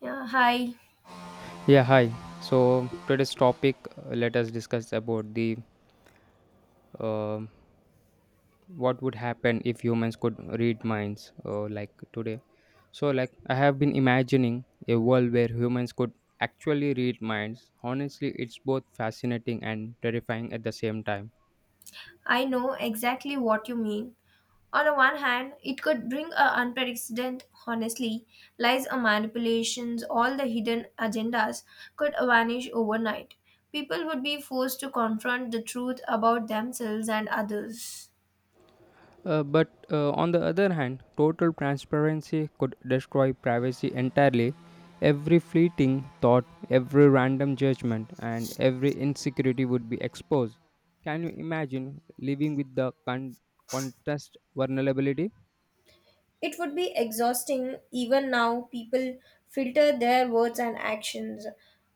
Yeah, hi. Yeah, hi. So today's topic, let us discuss about the um what would happen if humans could read minds, like today. I have been imagining a world where humans could actually read minds. Honestly, it's both fascinating and terrifying at the same time. I know exactly what you mean. On the one hand, it could bring a unprecedented, honestly, lies or manipulations, all the hidden agendas could vanish overnight. People would be forced to confront the truth about themselves and others. But On the other hand, total transparency could destroy privacy entirely. Every fleeting thought, every random judgment, and every insecurity would be exposed. Can you imagine living with the contest vulnerability? It would be exhausting. Even now, people filter their words and actions.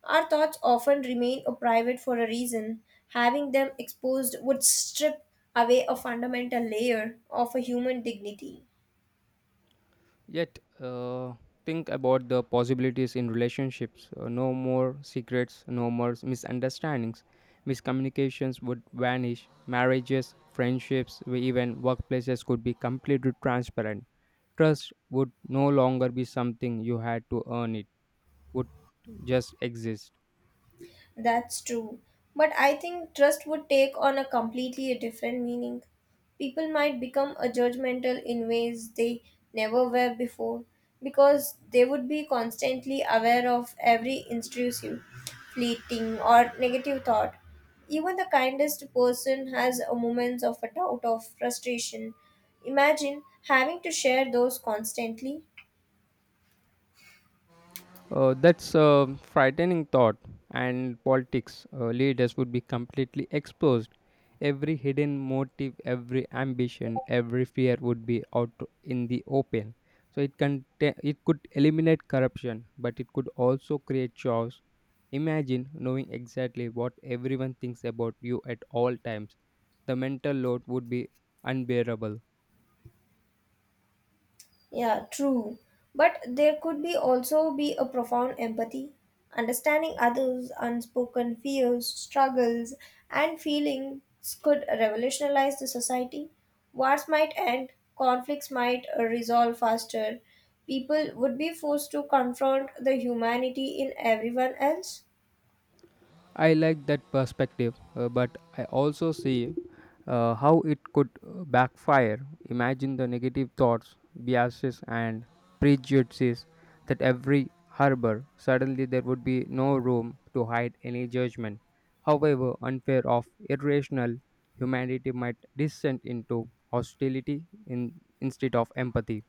Our thoughts often remain private for a reason. Having them exposed would strip away a fundamental layer of a human dignity. Yet, think about the possibilities in relationships. No more secrets, no more misunderstandings. Miscommunications would vanish. Marriages, friendships, even workplaces could be completely transparent. Trust would no longer be something you had to earn, it would just exist. That's true. But I think trust would take on a completely a different meaning. People might become a judgmental in ways they never were before because they would be constantly aware of every intrusive, fleeting, or negative thought. Even the kindest person has a moments of a doubt of frustration. Imagine having to share those constantly. That's a frightening thought. And politics, leaders would be completely exposed. Every hidden motive, every ambition, every fear would be out in the open. So it could eliminate corruption, but it could also create chaos. Imagine knowing exactly what everyone thinks about you at all times. The mental load would be unbearable. Yeah, true. But there could be also be a profound empathy, understanding others' unspoken fears, struggles, and feelings could revolutionize the society. Wars might end, conflicts might resolve faster. People would be forced to confront the humanity in everyone else, I like that perspective, but I also see how it could backfire. Imagine the negative thoughts, biases, and prejudices that every harbor. Suddenly, there would be no room to hide any judgment. However, unfair or irrational, humanity might descend into hostility instead of empathy.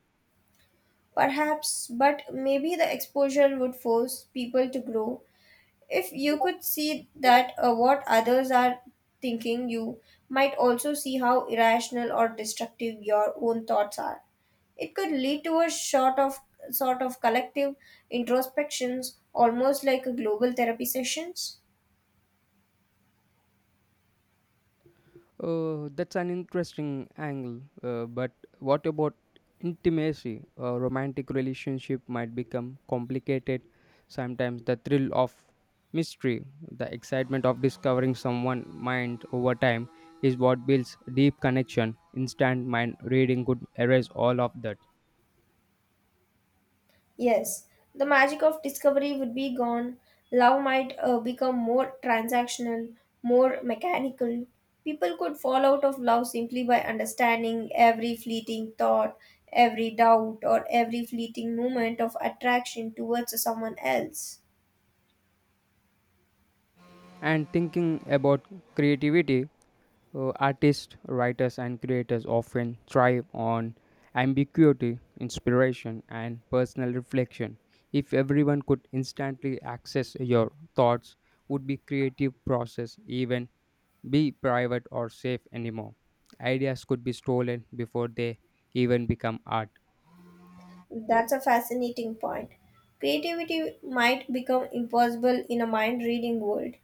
perhaps, but maybe the exposure would force people to grow. If you could see that what others are thinking, you might also see how irrational or destructive your own thoughts are. It could lead to a sort of collective introspections, almost like a global therapy sessions. Oh, that's an interesting angle. But what about intimacy? A romantic relationship might become complicated. Sometimes the thrill of mystery, the excitement of discovering someone mind over time is what builds deep connection. Instant mind reading could erase all of that. Yes, the magic of discovery would be gone. Love might become more transactional, more mechanical. People could fall out of love simply by understanding every fleeting thought, every doubt, or every fleeting moment of attraction towards someone else. And thinking about creativity, artists, writers, and creators often thrive on ambiguity, inspiration, and personal reflection. If everyone could instantly access your thoughts, would be creative process even be private or safe anymore? Ideas could be stolen before they even become art. That's a fascinating point. Creativity might become impossible in a mind reading world.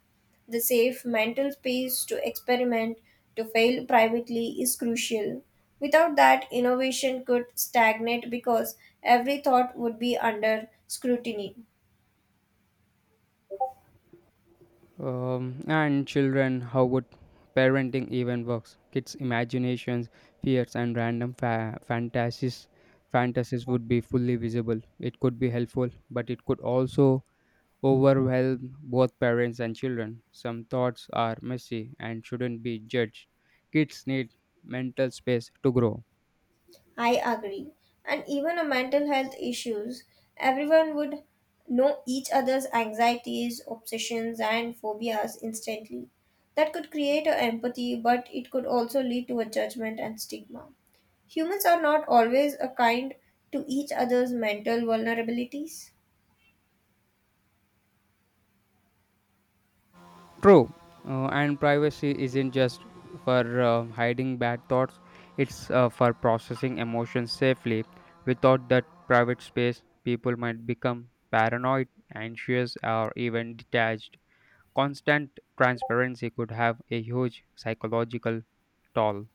The safe mental space to experiment, to fail privately, is crucial. Without that, innovation could stagnate because every thought would be under scrutiny. And children, how would parenting even works? Kids' imaginations, fears, and random fantasies would be fully visible. It could be helpful, but it could also overwhelm both parents and children. Some thoughts are messy and shouldn't be judged. Kids need mental space to grow. I agree. And even a mental health issues, everyone would know each other's anxieties, obsessions, and phobias instantly. That could create a empathy, but it could also lead to a judgment and stigma. Humans are not always a kind to each other's mental vulnerabilities. True, and privacy isn't just for hiding bad thoughts, it's for processing emotions safely. Without that private space, people might become paranoid, anxious, or even detached. Constant transparency could have a huge psychological toll.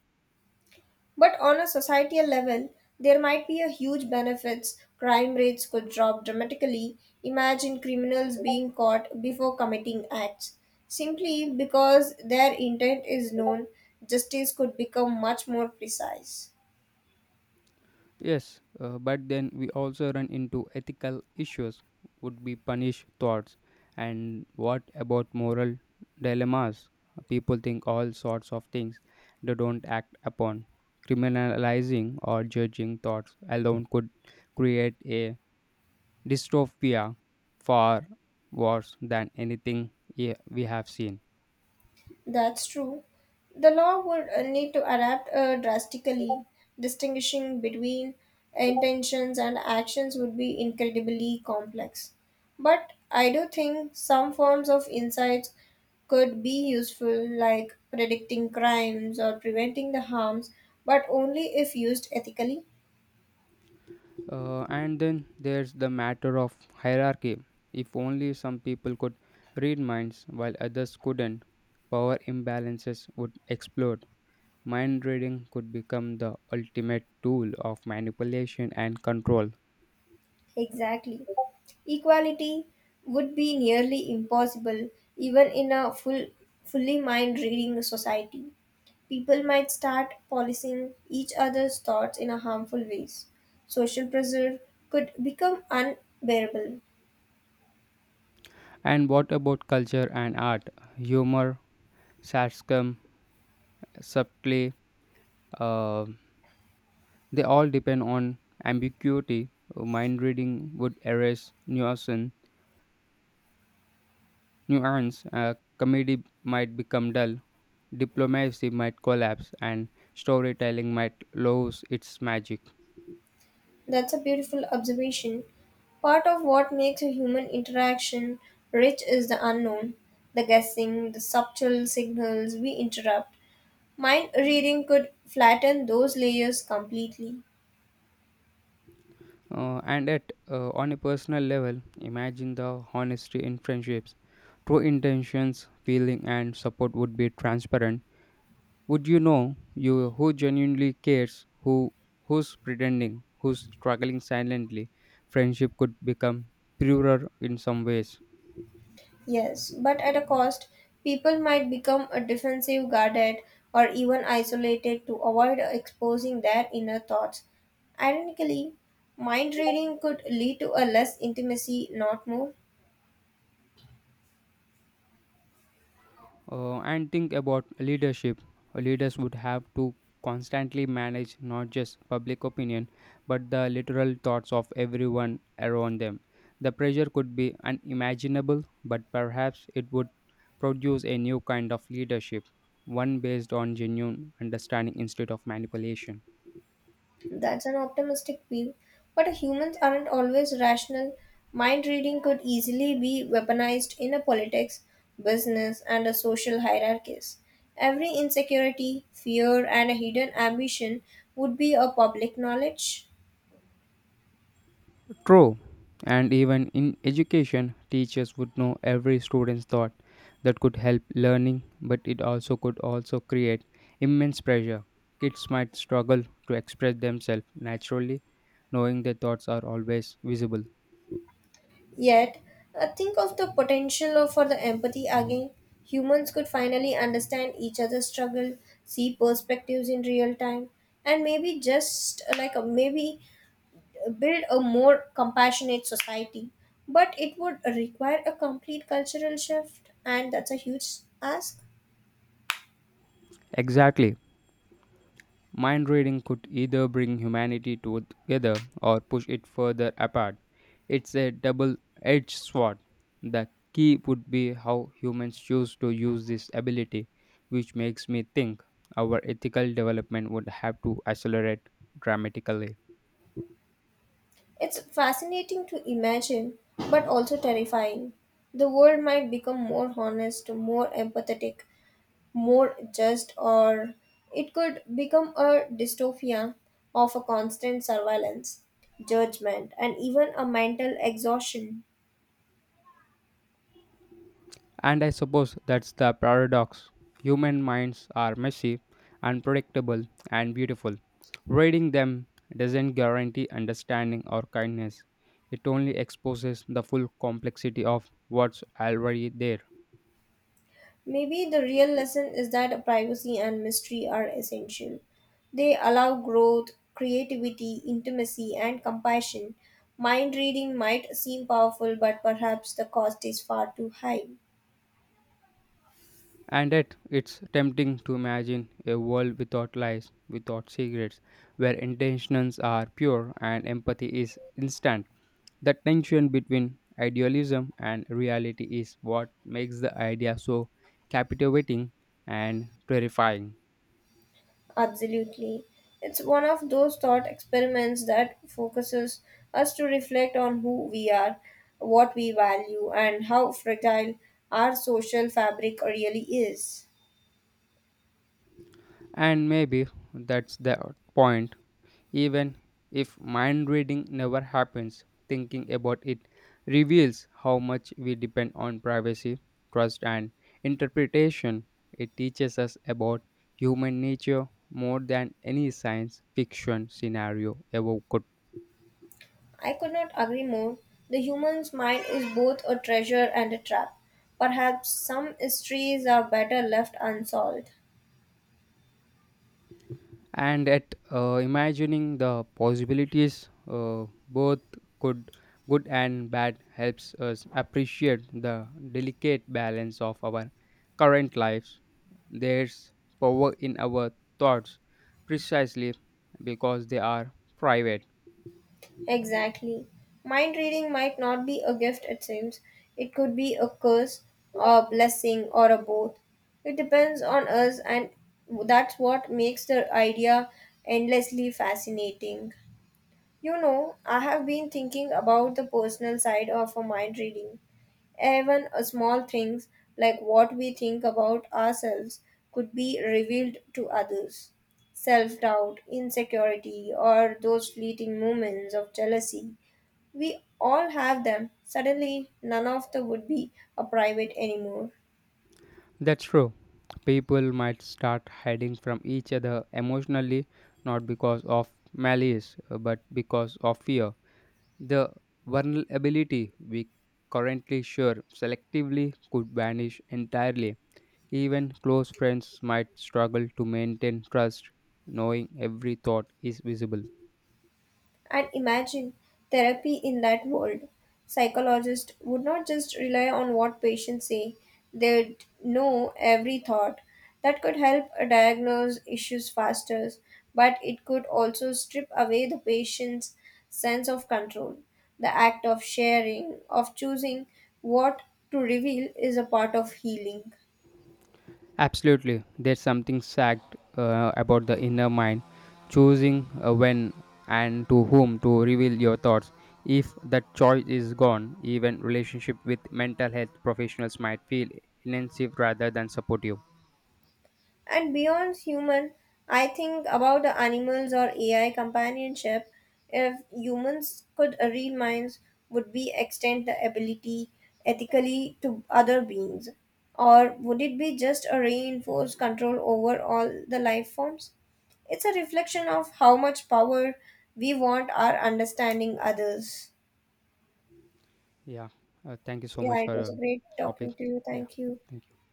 But on a societal level, there might be a huge benefits. Crime rates could drop dramatically. Imagine criminals being caught before committing acts. Simply because their intent is known, justice could become much more precise. Yes, but then we also run into ethical issues. Would be punished thoughts? And what about moral dilemmas? People think all sorts of things they don't act upon. Criminalizing or judging thoughts alone could create a dystopia far worse than anything we have seen. That's true. The law would need to adapt drastically. Distinguishing between intentions and actions would be incredibly complex. But I do think some forms of insights could be useful, like predicting crimes or preventing the harms, but only if used ethically. And then there's the matter of hierarchy. If only some people could read minds while others couldn't, power imbalances would explode. Mind reading could become the ultimate tool of manipulation and control. Exactly. Equality would be nearly impossible even in a full, fully mind reading society. People might start policing each other's thoughts in a harmful ways. Social pressure could become unbearable. And what about culture and art? Humor, sarcasm, subtlety, uh, they all depend on ambiguity. Mind reading would erase nuance. Comedy might become dull, diplomacy might collapse, and storytelling might lose its magic. That's a beautiful observation. Part of what makes a human interaction rich is the unknown, the guessing, the subtle signals we interrupt. Mind reading could flatten those layers completely. And at On a personal level, imagine the honesty in friendships. True intentions, feeling, and support would be transparent. Would you know you who genuinely cares, who's pretending, who's struggling silently? Friendship could become purer in some ways. Yes, but at a cost, people might become a defensive, guarded, or even isolated to avoid exposing their inner thoughts. Ironically, mind reading could lead to a less intimacy, not more. And think about leadership. Leaders would have to constantly manage not just public opinion, but the literal thoughts of everyone around them. The pressure could be unimaginable, but perhaps it would produce a new kind of leadership, one based on genuine understanding instead of manipulation. That's an optimistic view. But humans aren't always rational. Mind reading could easily be weaponized in a politics, business, and a social hierarchies. Every insecurity, fear, and a hidden ambition would be a public knowledge. True. And even in education, teachers would know every student's thought. That could help learning, but it also could also create immense pressure. Kids might struggle to express themselves naturally, knowing their thoughts are always visible. Yet, think of the potential for the empathy again. Humans could finally understand each other's struggle, see perspectives in real time, and maybe just maybe build a more compassionate society. But it would require a complete cultural shift, and that's a huge ask. Exactly. Mind reading could either bring humanity together or push it further apart. It's a double edged sword. The key would be how humans choose to use this ability, which makes me think our ethical development would have to accelerate dramatically. It's fascinating to imagine, but also terrifying. The world might become more honest, more empathetic, more just, or it could become a dystopia of a constant surveillance, judgment, and even a mental exhaustion. And I suppose that's the paradox. Human minds are messy, unpredictable, and beautiful. Reading them doesn't guarantee understanding or kindness, it only exposes the full complexity of what's already there. Maybe the real lesson is that privacy and mystery are essential. They allow growth, creativity, intimacy, and compassion. Mind reading might seem powerful, but perhaps the cost is far too high. And yet, it's tempting to imagine a world without lies, without secrets, where intentions are pure and empathy is instant. The tension between idealism and reality is what makes the idea so captivating and terrifying. Absolutely. It's one of those thought experiments that focuses us to reflect on who we are, what we value, and how fragile our social fabric really is. And maybe that's the point. Even if mind reading never happens, thinking about it reveals how much we depend on privacy, trust, and interpretation. It teaches us about human nature more than any science fiction scenario ever could. I could not agree more. The human's mind is both a treasure and a trap. Perhaps some mysteries are better left unsolved. And at Imagining the possibilities both could good and bad helps us appreciate the delicate balance of our current lives. There's power in our thoughts precisely because they are private. Exactly. Mind reading might not be a gift, it seems. It could be a curse, a blessing, or a both. It depends on us, and that's what makes the idea endlessly fascinating. You know, I have been thinking about the personal side of a mind reading. Even a small things like what we think about ourselves could be revealed to others. Self doubt, insecurity, or those fleeting moments of jealousy. We all have them. Suddenly, none of the would be a private anymore. That's true. People might start hiding from each other emotionally, not because of malice, but because of fear. The vulnerability we currently share selectively could vanish entirely. Even close friends might struggle to maintain trust, knowing every thought is visible. And imagine therapy in that world. Psychologists would not just rely on what patients say, they'd know every thought. That could help diagnose issues faster, but it could also strip away the patient's sense of control. The act of sharing, of choosing what to reveal, is a part of healing. Absolutely, there's something sacked about the inner mind, choosing when and to whom to reveal your thoughts. If that choice is gone, even relationship with mental health professionals might feel inensive rather than supportive. And beyond human, I think about the animals or AI companionship. If humans could read minds, would we extend the ability ethically to other beings? Or would it be just a reinforced control over all the life forms? It's a reflection of how much power we want our understanding others. Yeah, thank you so Yeah, much it for was great topic. talking to you. Yeah, Thank you. thank you.